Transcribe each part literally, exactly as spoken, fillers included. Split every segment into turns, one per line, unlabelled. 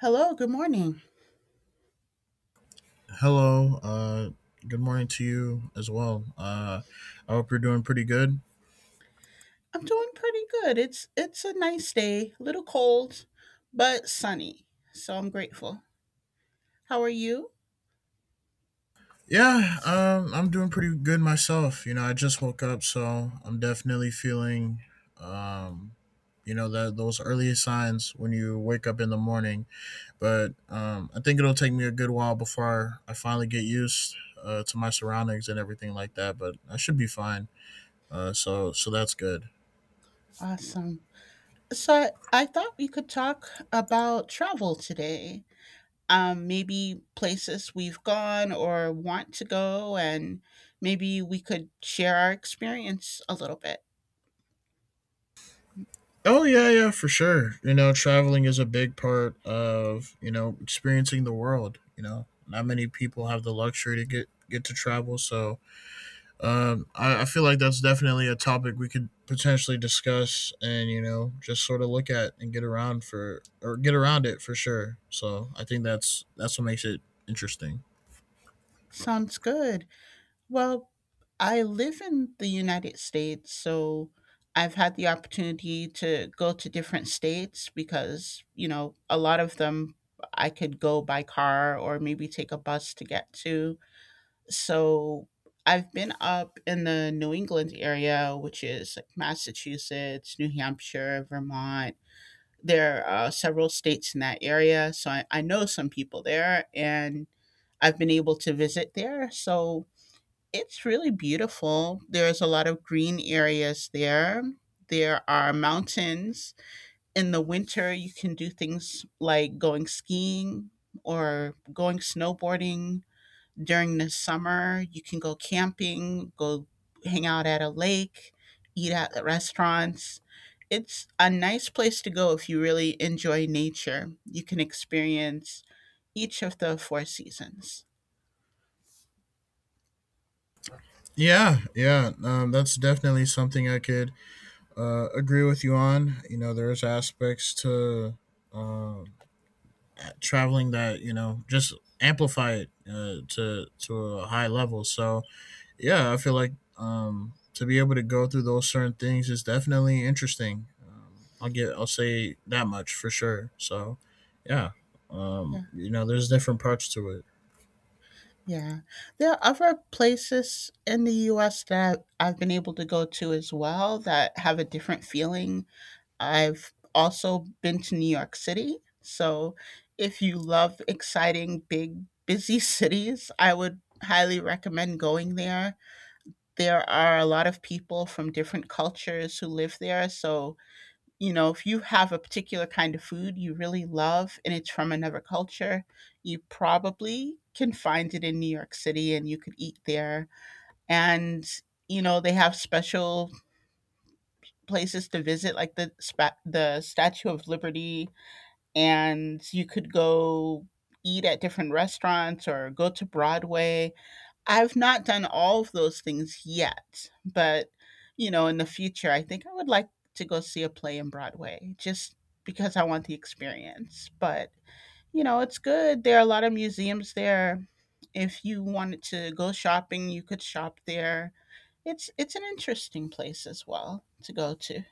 Hello, good morning.
Hello. Uh, good morning to you as well. Uh, I hope you're doing pretty good.
I'm doing pretty good. It's it's a nice day, a little cold, but sunny. So I'm grateful. How are you?
Yeah, um, I'm doing pretty good myself. You know, I just woke up, so I'm definitely feeling, um, you know, that those early signs when you wake up in the morning. But um, I think it'll take me a good while before I finally get used uh, to my surroundings and everything like that. But I should be fine. Uh, so so that's good.
Awesome. So I, I thought we could talk about travel today. Um maybe places we've gone or want to go, and maybe we could share our experience a little bit.
Oh yeah, yeah, for sure. You know, traveling is a big part of you know experiencing the world. You know, not many people have the luxury to get get to travel, so um, I, I feel like that's definitely a topic we could potentially discuss, and you know, just sort of look at and get around for or get around it for sure. So I think that's that's what makes it interesting.
Sounds good. Well, I live in the United States, so I've had the opportunity to go to different states because, you know, a lot of them I could go by car or maybe take a bus to get to. So I've been up in the New England area, which is like Massachusetts, New Hampshire, Vermont. There are uh, several states in that area. So I, I know some people there and I've been able to visit there. So it's really beautiful. There's a lot of green areas there. There are mountains. In the winter, you can do things like going skiing or going snowboarding. During the summer, you can go camping, go hang out at a lake, eat at restaurants. It's a nice place to go if you really enjoy nature. You can experience each of the four seasons.
Yeah, yeah, um, that's definitely something I could uh, agree with you on. You know, there's aspects to. Uh, traveling that you know just amplify it uh, to to a high level. So yeah, I feel like um, to be able to go through those certain things is definitely interesting. Um, I'll get I'll say that much for sure. So yeah,
Yeah.
um, you know, there's different parts to it.
Yeah. There are other places in the U S that I've been able to go to as well that have a different feeling. I've also been to New York City. So if you love exciting, big, busy cities, I would highly recommend going there. There are a lot of people from different cultures who live there. So you know, if you have a particular kind of food you really love and it's from another culture, you probably can find it in New York City and you could eat there. And, you know, they have special places to visit like the spa- the Statue of Liberty, and you could go eat at different restaurants or go to Broadway. I've not done all of those things yet, but, you know, in the future, I think I would like to go see a play in Broadway just because I want the experience. But, you know, it's good. There are a lot of museums there. If you wanted to go shopping, you could shop there. It's it's an interesting place as well to go to.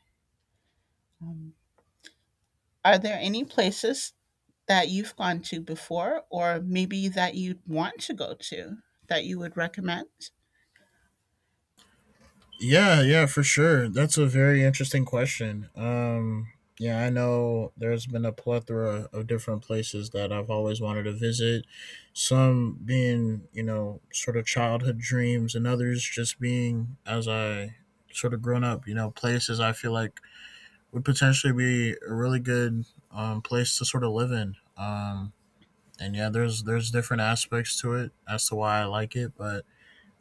Um, are there any places that you've gone to before, or maybe that you'd want to go to, that you would recommend?
Yeah, yeah, for sure. That's a very interesting question. Um, yeah, I know there's been a plethora of different places that I've always wanted to visit. Some being, you know, sort of childhood dreams, and others just being as I sort of grown up, you know, places I feel like would potentially be a really good um, place to sort of live in. Um, and yeah, there's there's different aspects to it as to why I like it, but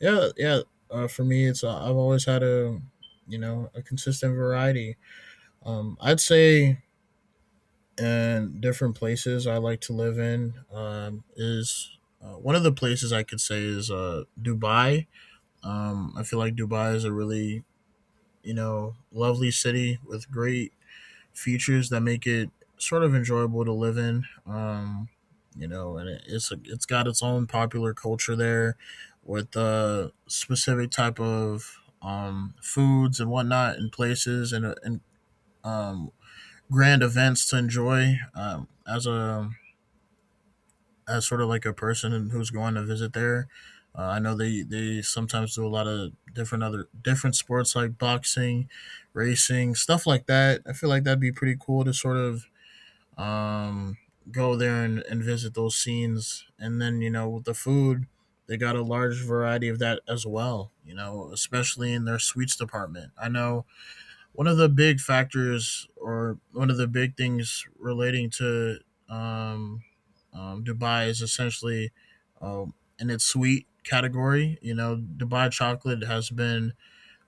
yeah, yeah. Uh, for me, it's uh, I've always had a you know a consistent variety. Um, I'd say and different places I like to live in um, is uh, one of the places I could say is uh, Dubai. Um, I feel like Dubai is a really you know lovely city with great features that make it sort of enjoyable to live in. Um, you know, and it, it's a, it's got its own popular culture there with uh, specific type of um, foods and whatnot and places and, uh, and um, grand events to enjoy um, as a as sort of like a person who's going to visit there. Uh, I know they, they sometimes do a lot of different other different sports like boxing, racing, stuff like that. I feel like that'd be pretty cool to sort of um, go there and, and visit those scenes. And then, you know, with the food, they got a large variety of that as well, you know, especially in their sweets department. I know one of the big factors or one of the big things relating to um, um, Dubai is essentially um, in its sweet category. You know, Dubai chocolate has been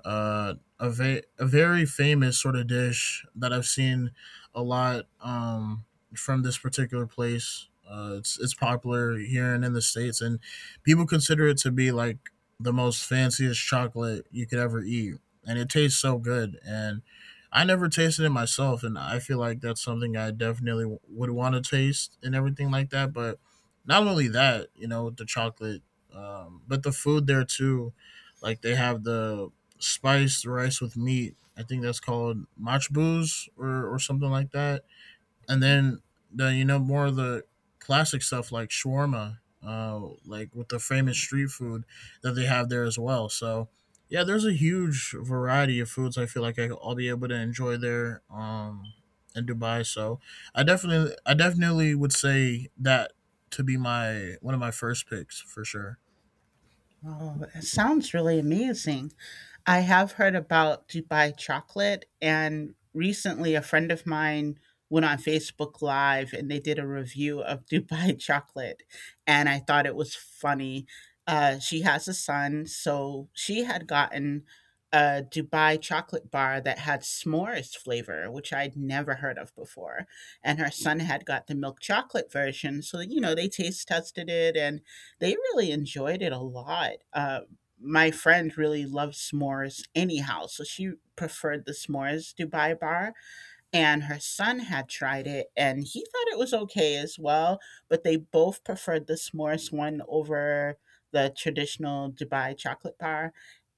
uh, a, va- a very famous sort of dish that I've seen a lot um, from this particular place. Uh, it's it's popular here and in the states, and people consider it to be like the most fanciest chocolate you could ever eat, and it tastes so good. And I never tasted it myself, and I feel like that's something I definitely w- would want to taste and everything like that. But not only that, you know, the chocolate, um, but the food there too. Like they have the spiced rice with meat. I think that's called machbuz or, or something like that. And then the you know more of the classic stuff like shawarma, uh, like with the famous street food that they have there as well. So yeah, there's a huge variety of foods. I feel like I- I'll be able to enjoy there um, in Dubai. So I definitely I definitely would say that to be my one of my first picks for sure.
Oh, it sounds really amazing. I have heard about Dubai chocolate, and recently a friend of mine went on Facebook Live and they did a review of Dubai chocolate, and I thought it was funny. Uh, she has a son, so she had gotten a Dubai chocolate bar that had s'mores flavor, which I'd never heard of before. And her son had got the milk chocolate version, so you know they taste tested it and they really enjoyed it a lot. Uh, my friend really loved s'mores anyhow, so she preferred the s'mores Dubai bar. And her son had tried it and he thought it was okay as well, but they both preferred the s'mores one over the traditional Dubai chocolate bar.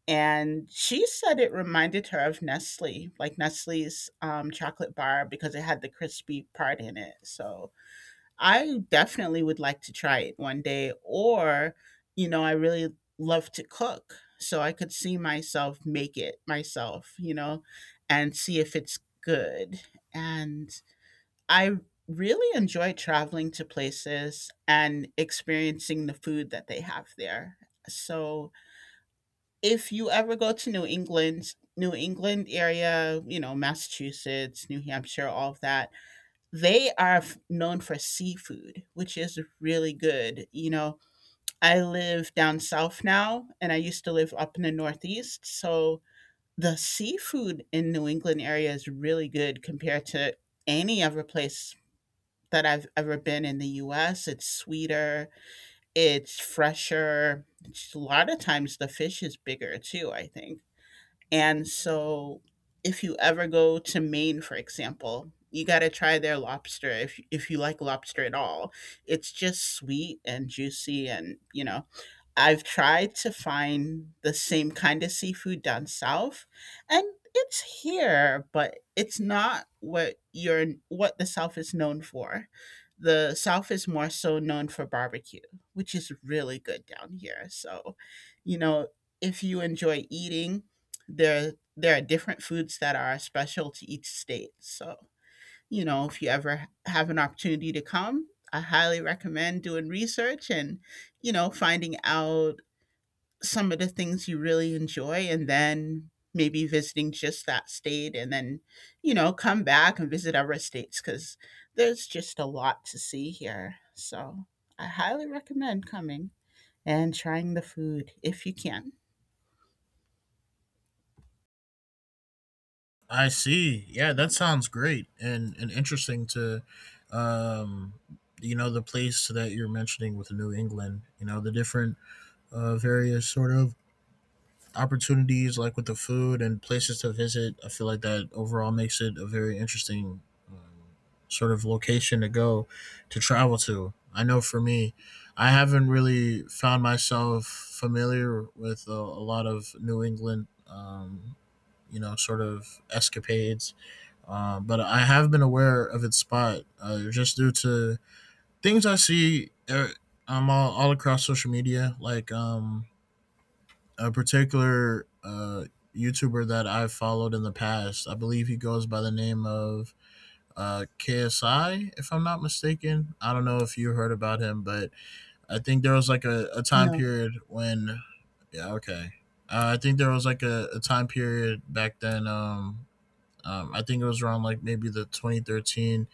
And she said it reminded her of Nestle, like Nestle's um, chocolate bar, because it had the crispy part in it. So I definitely would like to try it one day, or, you know, I really love to cook. So I could see myself make it myself, you know, and see if it's good. And I really enjoy traveling to places and experiencing the food that they have there. So if you ever go to New England, New England area, you know, Massachusetts, New Hampshire, all of that, they are f- known for seafood, which is really good. You know, I live down south now, and I used to live up in the Northeast. So the seafood in New England area is really good compared to any other place that I've ever been in the U S. It's sweeter, it's fresher. It's a lot of times the fish is bigger too, I think. And so if you ever go to Maine, for example, you got to try their lobster if if you like lobster at all. It's just sweet and juicy and, you know, I've tried to find the same kind of seafood down south, and it's here, but it's not what you're what the South is known for. The South is more so known for barbecue, which is really good down here. So, you know, if you enjoy eating, there there are different foods that are special to each state. So, you know, if you ever have an opportunity to come, I highly recommend doing research and, you know, finding out some of the things you really enjoy, and then maybe visiting just that state, and then you know come back and visit other states because there's just a lot to see here. So I highly recommend coming and trying the food if you can.
I see. Yeah, that sounds great and and interesting to um you know the place that you're mentioning with New England, you know, the different uh various sort of opportunities like with the food and places to visit. I feel like that overall makes it a very interesting um, sort of location to go to travel to. I know for me, I haven't really found myself familiar with a, a lot of New England, um, you know, sort of escapades. Uh, but I have been aware of its spot uh, just due to things I see uh, um, all, all across social media, like um, a particular uh, YouTuber that I've followed in the past. I believe he goes by the name of uh, K S I, if I'm not mistaken. I don't know if you heard about him, but I think there was like a, a time
No.
period when, yeah, okay. Uh, I think there was like a, a time period back then. Um, um, I think it was around like maybe the twenty thirteen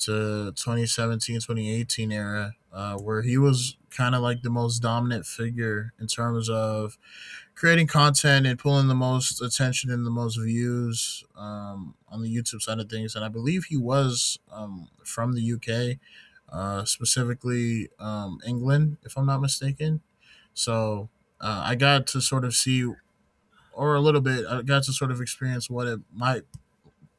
to twenty seventeen, twenty eighteen era, uh, where he was kind of like the most dominant figure in terms of creating content and pulling the most attention and the most views um, on the YouTube side of things. And I believe he was um, from the U K, uh, specifically um, England, if I'm not mistaken. So uh, I got to sort of see, or a little bit, I got to sort of experience what it might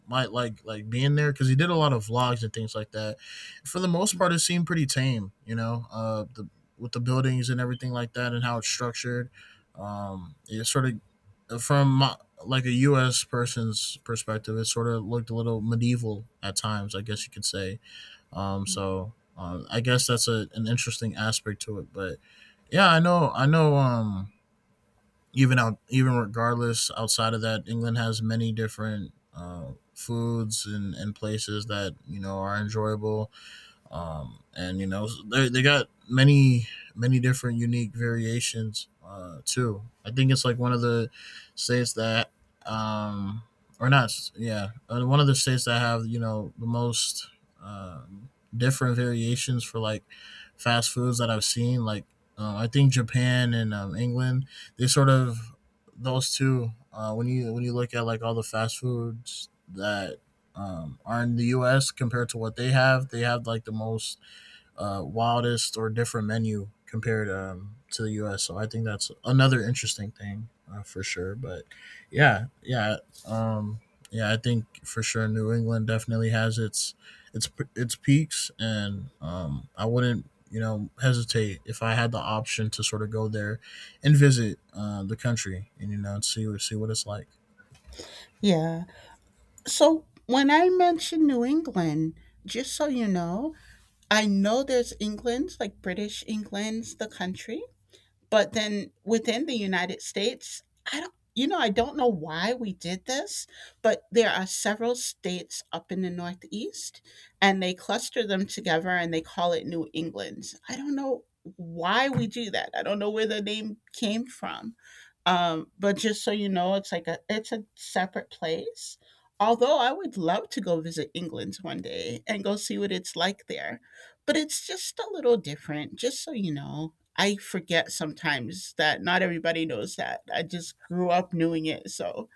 might like like being there because he did a lot of vlogs and things like that. For the most part, it seemed pretty tame, you know, uh, the with the buildings and everything like that and how it's structured. Um, it sort of from my, like a U S person's perspective, it sort of looked a little medieval at times, I guess you could say. Um, so uh, I guess that's a, an interesting aspect to it, but yeah, I know, I know. Um, even out even regardless outside of that, England has many different uh, foods and, and places that you know are enjoyable um, and you know they they got many many different unique variations uh, too. I think it's like one of the states that um, or not yeah uh, one of the states that have you know the most um, different variations for like fast foods that I've seen. Like uh, I think Japan and um, England they sort of those two uh, when you when you look at like all the fast foods that um, are in the U S compared to what they have. They have like the most uh, wildest or different menu compared um, to the U S. So I think that's another interesting thing uh, for sure. But yeah, yeah, um, yeah. I think for sure New England definitely has its its its peaks, and um, I wouldn't you know hesitate if I had the option to sort of go there and visit uh, the country and you know see see what it's like.
Yeah, so when I mention New England, just so you know, I know there's england's like British, England's the country. But then within the United States, I don't, you know, I don't know why we did this, but there are several states up in the Northeast and they cluster them together and they call it New England. I don't know why we do that. I don't know where the name came from. Um, but just so you know, it's like a it's a separate place. Although I would love to go visit England one day and go see what it's like there, but it's just a little different. Just so you know, I forget sometimes that not everybody knows that. I just grew up knowing it. So,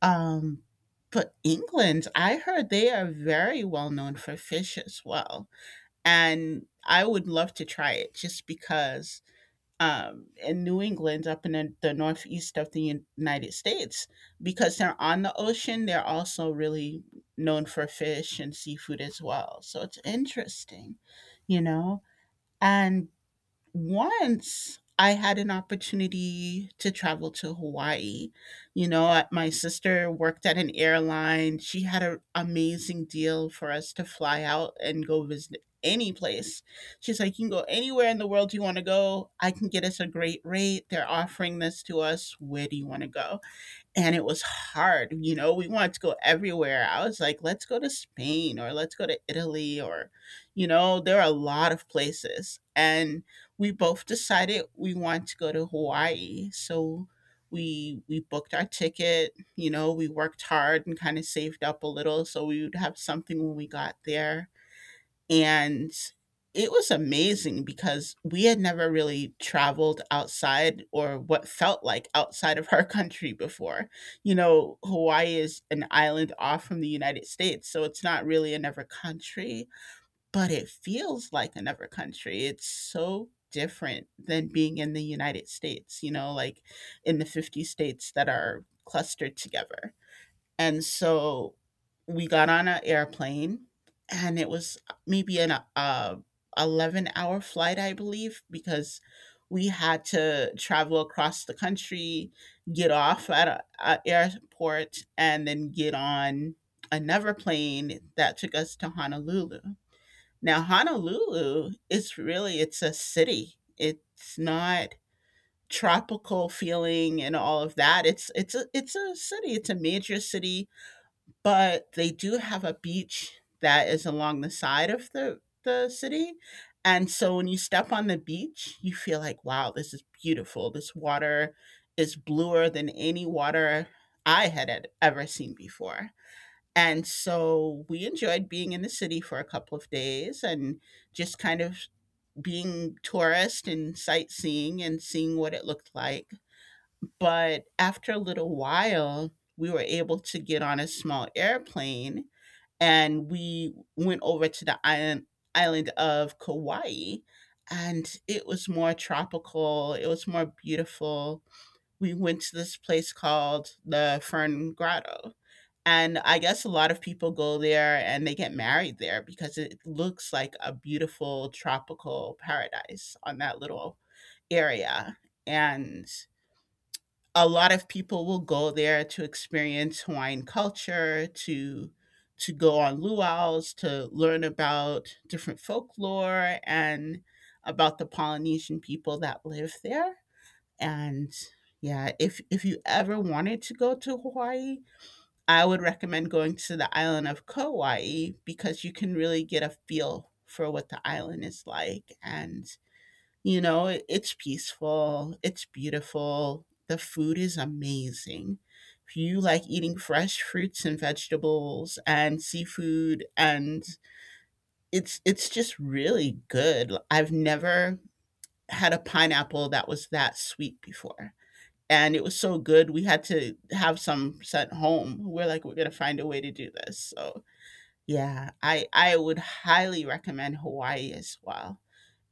um, but England, I heard they are very well known for fish as well. And I would love to try it just because um, in New England, up in the, the northeast of the Un- United States, because they're on the ocean, they're also really known for fish and seafood as well. So it's interesting, you know? And once I had an opportunity to travel to Hawaii. You know, I- my sister worked at an airline. She had an amazing deal for us to fly out and go visit any place. She's like, "You can go anywhere in the world you want to go. I can get us a great rate. They're offering this to us. Where do you want to go?" And it was hard. You know, we wanted to go everywhere. I was like, let's go to Spain or let's go to Italy, or, you know, there are a lot of places. And we both decided we want to go to Hawaii. So we we booked our ticket, you know, we worked hard and kind of saved up a little so we would have something when we got there, and it was amazing because we had never really traveled outside, or what felt like outside of our country before. You know, Hawaii is an island off from the United States, so it's not really another country, but it feels like another country. It's so different than being in the United States, you know, like in the fifty states that are clustered together. And so we got on an airplane, and it was maybe an uh, eleven-hour flight, I believe, because we had to travel across the country, get off at an airport, and then get on another plane that took us to Honolulu. Now, Honolulu is really it's a city. It's not tropical feeling and all of that. It's it's a it's a city. It's a major city, but they do have a beach that is along the side of the the city, and so when you step on the beach, you feel like, "Wow, this is beautiful. This water is bluer than any water I had ed ever seen before." And so we enjoyed being in the city for a couple of days and just kind of being tourist and sightseeing and seeing what it looked like. But after a little while, we were able to get on a small airplane and we went over to the island island of Kauai, and it was more tropical, it was more beautiful. We went to this place called the Fern Grotto, and I guess a lot of people go there and they get married there because it looks like a beautiful tropical paradise on that little area. And a lot of people will go there to experience Hawaiian culture, to to go on luau's, to learn about different folklore and about the Polynesian people that live there. And yeah, if if you ever wanted to go to Hawaii, I would recommend going to the island of Kauai because you can really get a feel for what the island is like, and you know, it, it's peaceful, it's beautiful, the food is amazing. If you like eating fresh fruits and vegetables and seafood and it's it's just really good. i I've never had a pineapple that was that sweet before. And it was so good we had to have some sent home. We're like, we're gonna find a way to do this. So yeah, I I would highly recommend Hawaii as well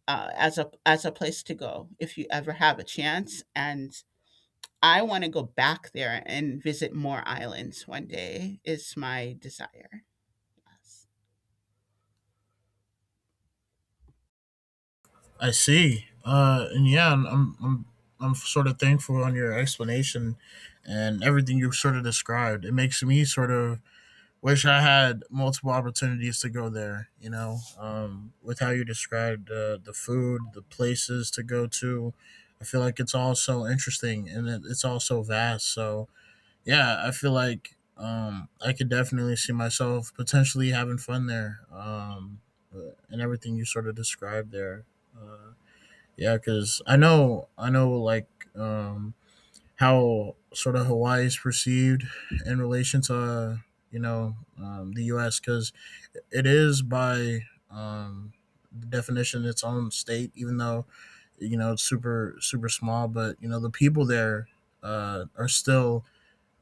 uh, as a as a place to go if you ever have a chance. And I want to go back there and visit more islands one day. Is my desire.
I see. Uh, and yeah, I'm, I'm I'm I'm sort of thankful on your explanation and everything you've sort of described. It makes me sort of wish I had multiple opportunities to go there. You know, um, with how you described uh, the food, the places to go to, I feel like it's all so interesting and it, it's all so vast. So yeah, I feel like. Um, I could definitely see myself potentially having fun there. Um, uh, and everything you sort of described there. Uh, yeah, because I know, I know, like um, how sort of Hawaii is perceived in relation to uh, you know um, the U S because it is by um, the definition its own state, even though you know it's super super small. But you know the people there uh, are still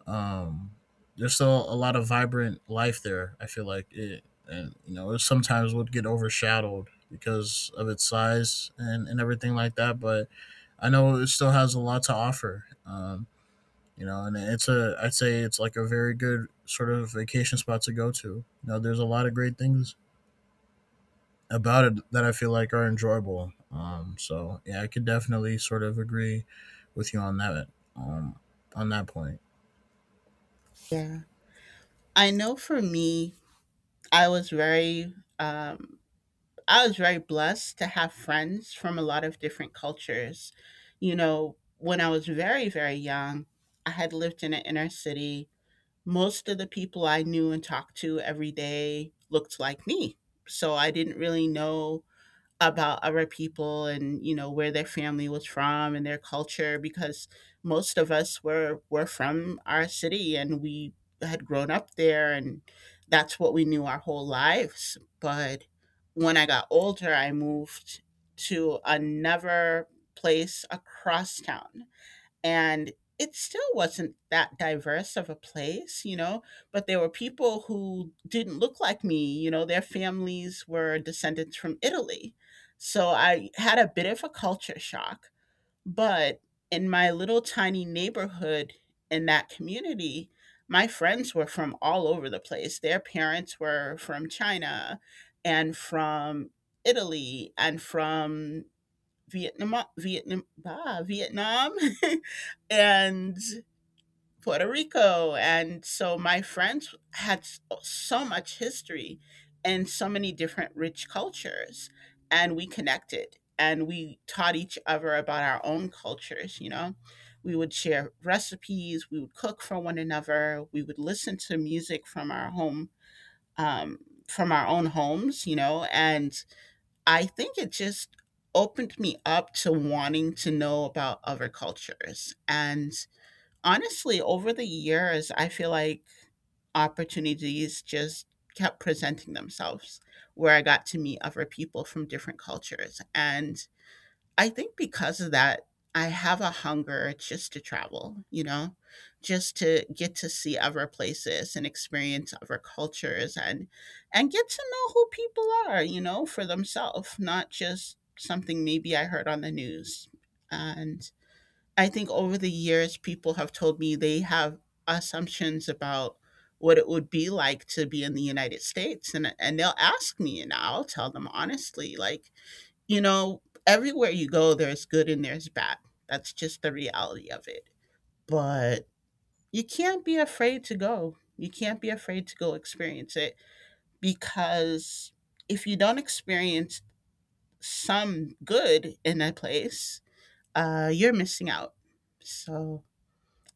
um there's still a lot of vibrant life there, I feel like it, and you know it sometimes would get overshadowed because of its size and and everything like that, but I know it still has a lot to offer. Um you know, and it's a I'd say it's like a very good sort of vacation spot to go to. You know, there's a lot of great things about it that I feel like are enjoyable. Um so yeah, I could definitely sort of agree with you on that, um on that point.
Yeah, I know for me, I was very um, I was very blessed to have friends from a lot of different cultures. You know, when I was very very young, I had lived in an inner city. Most of the people I knew and talked to every day looked like me. So I didn't really know about other people and you know where their family was from and their culture because most of us were were from our city and we had grown up there and that's what we knew our whole lives. But when I got older, I moved to another place across town, and it still wasn't that diverse of a place, you know, but there were people who didn't look like me, you know, their families were descendants from Italy. So I had a bit of a culture shock, but in my little tiny neighborhood, in that community, my friends were from all over the place. Their parents were from China and from Italy and from Vietnam, Vietnam, bah, Vietnam, and Puerto Rico. And so my friends had s- oh, so much history and so many different rich cultures. And we connected and we taught each other about our own cultures. You know, we would share recipes, we would cook for one another, we would listen to music from our home, um, from our own homes, you know, and I think it just opened me up to wanting to know about other cultures. And honestly, over the years, I feel like opportunities just kept presenting themselves where I got to meet other people from different cultures. And I think because of that, I have a hunger just to travel, you know, just to get to see other places and experience other cultures, and and get to know who people are, you know, for themselves, not just something maybe I heard on the news. And I think over the years people have told me they have assumptions about what it would be like to be in the United States, and and they'll ask me and I'll tell them honestly, like, you know, everywhere you go, there's good and there's bad. That's just the reality of it. But you can't be afraid to go. You can't be afraid to go experience it, because if you don't experience some good in a place, uh, you're missing out. So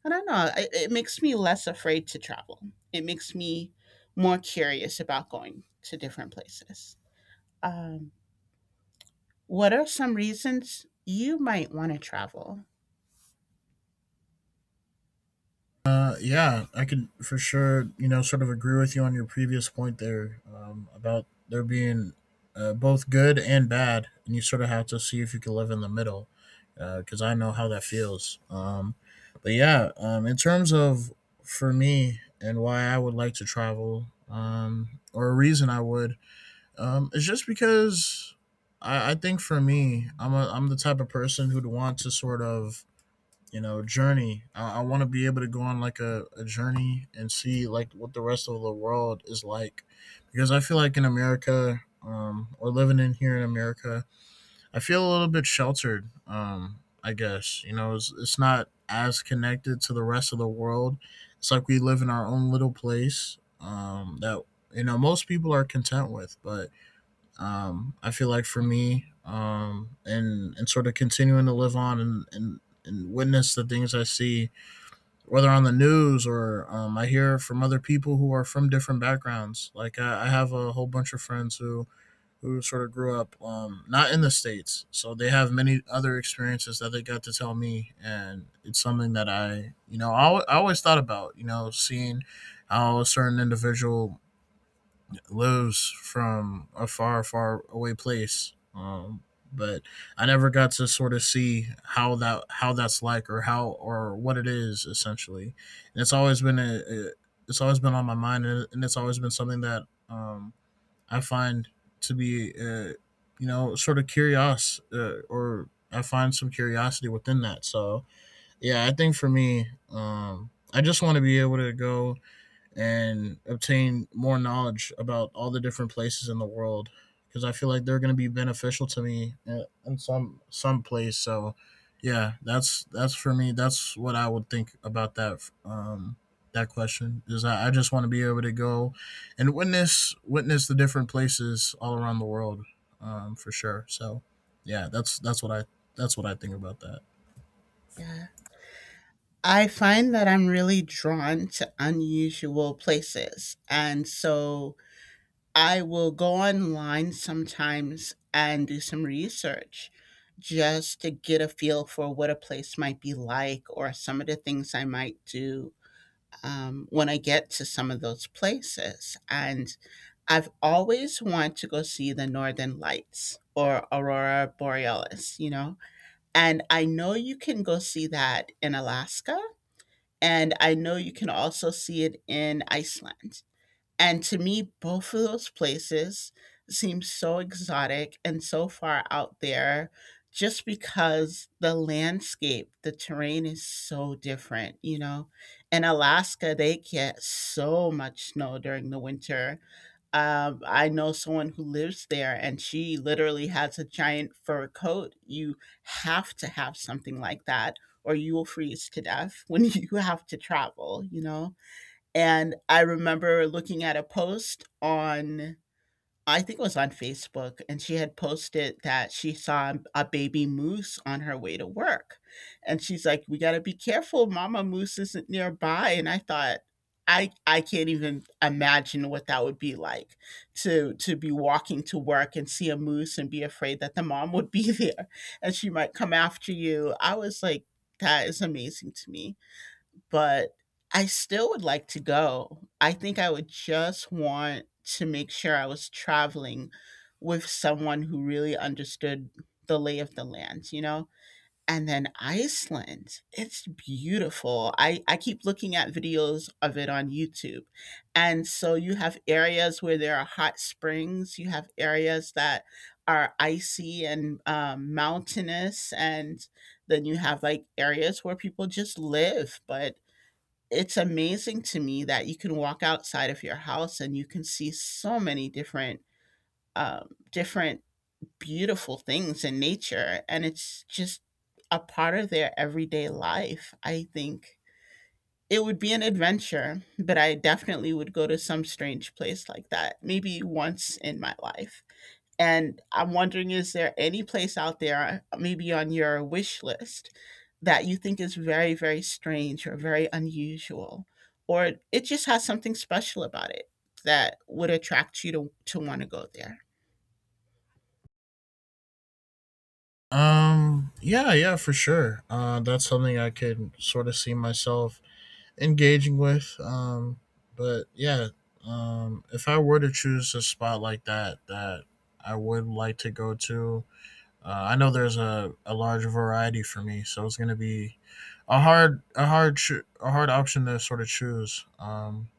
I don't know. It, it makes me less afraid to travel. It makes me more curious about going to different places. Um, what are some reasons you might want to travel?
Uh, yeah, I could for sure, you know, sort of agree with you on your previous point there, um, about there being uh, both good and bad, and you sort of have to see if you can live in the middle, because I know how that feels. Um, but yeah, um, in terms of for me and why I would like to travel, um, or a reason I would, um, is just because I, I think for me, I'm a, I'm the type of person who'd want to sort of you know journey i, I want to be able to go on like a, a journey and see like what the rest of the world is like because I feel like in america um, or living in here in america I feel a little bit sheltered um, I guess you know it's, it's not as connected to the rest of the world. It's like we live in our own little place um, that you know most people are content with. But um, I feel like for me, um, and and sort of continuing to live on and and, and witness the things I see, whether on the news or um, I hear from other people who are from different backgrounds. Like I, I have a whole bunch of friends who who sort of grew up um, not in the states, so they have many other experiences that they got to tell me, and it's something that I you know I, al- I always thought about you know seeing how a certain individual lives from a far, far away place. Um, but I never got to sort of see how that how that's like or how or what it is essentially. And it's always been a, a it's always been on my mind, and and it's always been something that um, I find to be uh, you know sort of curious uh, or I find some curiosity within that. So yeah, I think for me, um, I just want to be able to go and obtain more knowledge about all the different places in the world because I feel like they're going to be beneficial to me in, some some place. So, yeah, that's that's for me. That's what I would think about that um, that question is I, I just want to be able to go and witness witness the different places all around the world um, for sure. So, yeah, that's that's what I that's what I think about that.
Yeah. I find that I'm really drawn to unusual places. And so I will go online sometimes and do some research just to get a feel for what a place might be like or some of the things I might do um, when I get to some of those places. And I've always wanted to go see the Northern Lights or Aurora Borealis, you know? And I know you can go see that in Alaska, and I know you can also see it in Iceland. And to me, both of those places seem so exotic and so far out there, just because the landscape, the terrain is so different, you know? In Alaska, they get so much snow during the winter. Um, I know someone who lives there, and she literally has a giant fur coat. You have to have something like that or you will freeze to death when you have to travel, you know? And I remember looking at a post on, I think it was on Facebook, and she had posted that she saw a baby moose on her way to work. And she's like, "We got to be careful, mama moose isn't nearby." And I thought, I I can't even imagine what that would be like, to to be walking to work and see a moose and be afraid that the mom would be there and she might come after you. I was like, that is amazing to me, but I still would like to go. I think I would just want to make sure I was traveling with someone who really understood the lay of the land, you know? And then Iceland, it's beautiful. I, I keep looking at videos of it on YouTube. And so you have areas where there are hot springs, you have areas that are icy and um, mountainous, and then you have like areas where people just live, but it's amazing to me that you can walk outside of your house and you can see so many different um, different beautiful things in nature, and it's just a part of their everyday life. I think it would be an adventure, but I definitely would go to some strange place like that maybe once in my life. And I'm wondering, is there any place out there, uh, maybe on your wish list, that you think is very, very strange or very unusual, or it just has something special about it that would attract you to to want to go there?
Um, yeah, yeah, for sure. Uh, that's something I could sort of see myself engaging with. Um, but yeah, um, if I were to choose a spot like that that I would like to go to, uh, I know there's a, a large variety for me, so it's gonna be a hard a hard cho- a hard option to sort of choose. Um,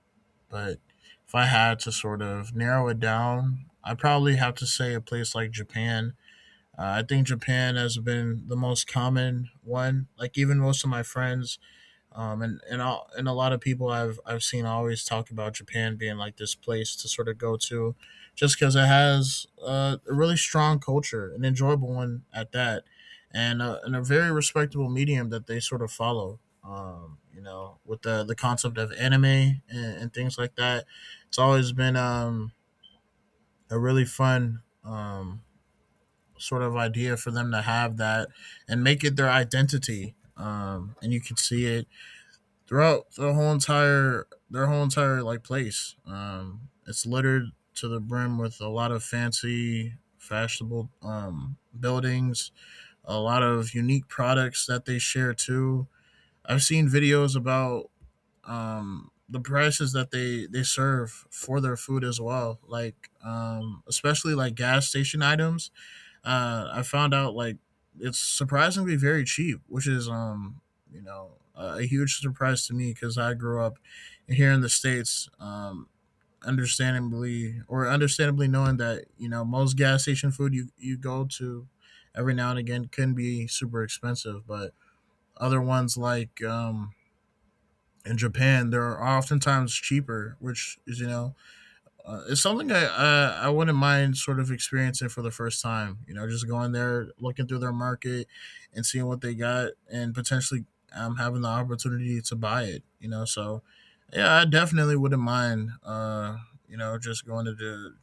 but if I had to sort of narrow it down, I'd probably have to say a place like Japan. Uh, I think Japan has been the most common one. Like even most of my friends um, and and all, and a lot of people I've I've seen always talk about Japan being like this place to sort of go to, just because it has uh, a really strong culture, an enjoyable one at that, and a, and a very respectable medium that they sort of follow. Um, you know, with the the concept of anime and, and things like that, it's always been um, a really fun um, sort of idea for them to have that and make it their identity. Um, and you can see it throughout the whole entire their whole entire like place. Um, it's littered to the brim with a lot of fancy, fashionable um, buildings, a lot of unique products that they share too. I've seen videos about um, the prices that they they serve for their food as well, like um, especially like gas station items. uh, I found out like it's surprisingly very cheap, which is um you know a huge surprise to me because I grew up here in the states, um, understandably or understandably knowing that you know most gas station food you you go to every now and again can be super expensive, but other ones like um in Japan they're oftentimes cheaper, which is you know uh, it's something I, I I wouldn't mind sort of experiencing for the first time. You know, just going there, looking through their market, and seeing what they got, and potentially um, having the opportunity to buy it. You know, so yeah, I definitely wouldn't mind. Uh, you know, just going to the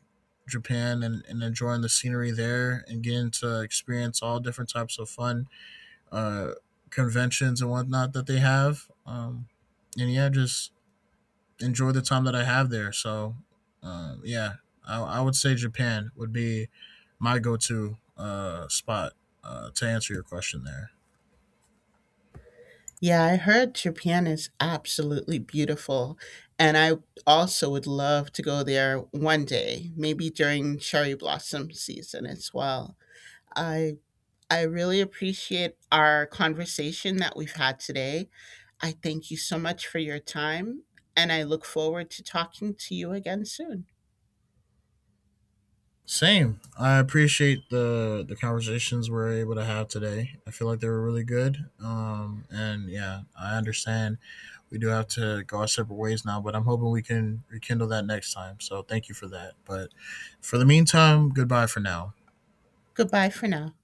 Japan and, and enjoying the scenery there and getting to experience all different types of fun uh, conventions and whatnot that they have. Um, and yeah, just enjoy the time that I have there. So, um, yeah, I, I would say Japan would be my go to uh, spot uh, to answer your question there.
Yeah, I heard Japan is absolutely beautiful, and I also would love to go there one day, maybe during cherry blossom season as well. I I really appreciate our conversation that we've had today. I thank you so much for your time, and I look forward to talking to you again soon.
Same. I appreciate the the conversations we're able to have today. I feel like they were really good. Um, and yeah, I understand we do have to go our separate ways now, but I'm hoping we can rekindle that next time. So thank you for that. But for the meantime, goodbye for now.
Goodbye for now.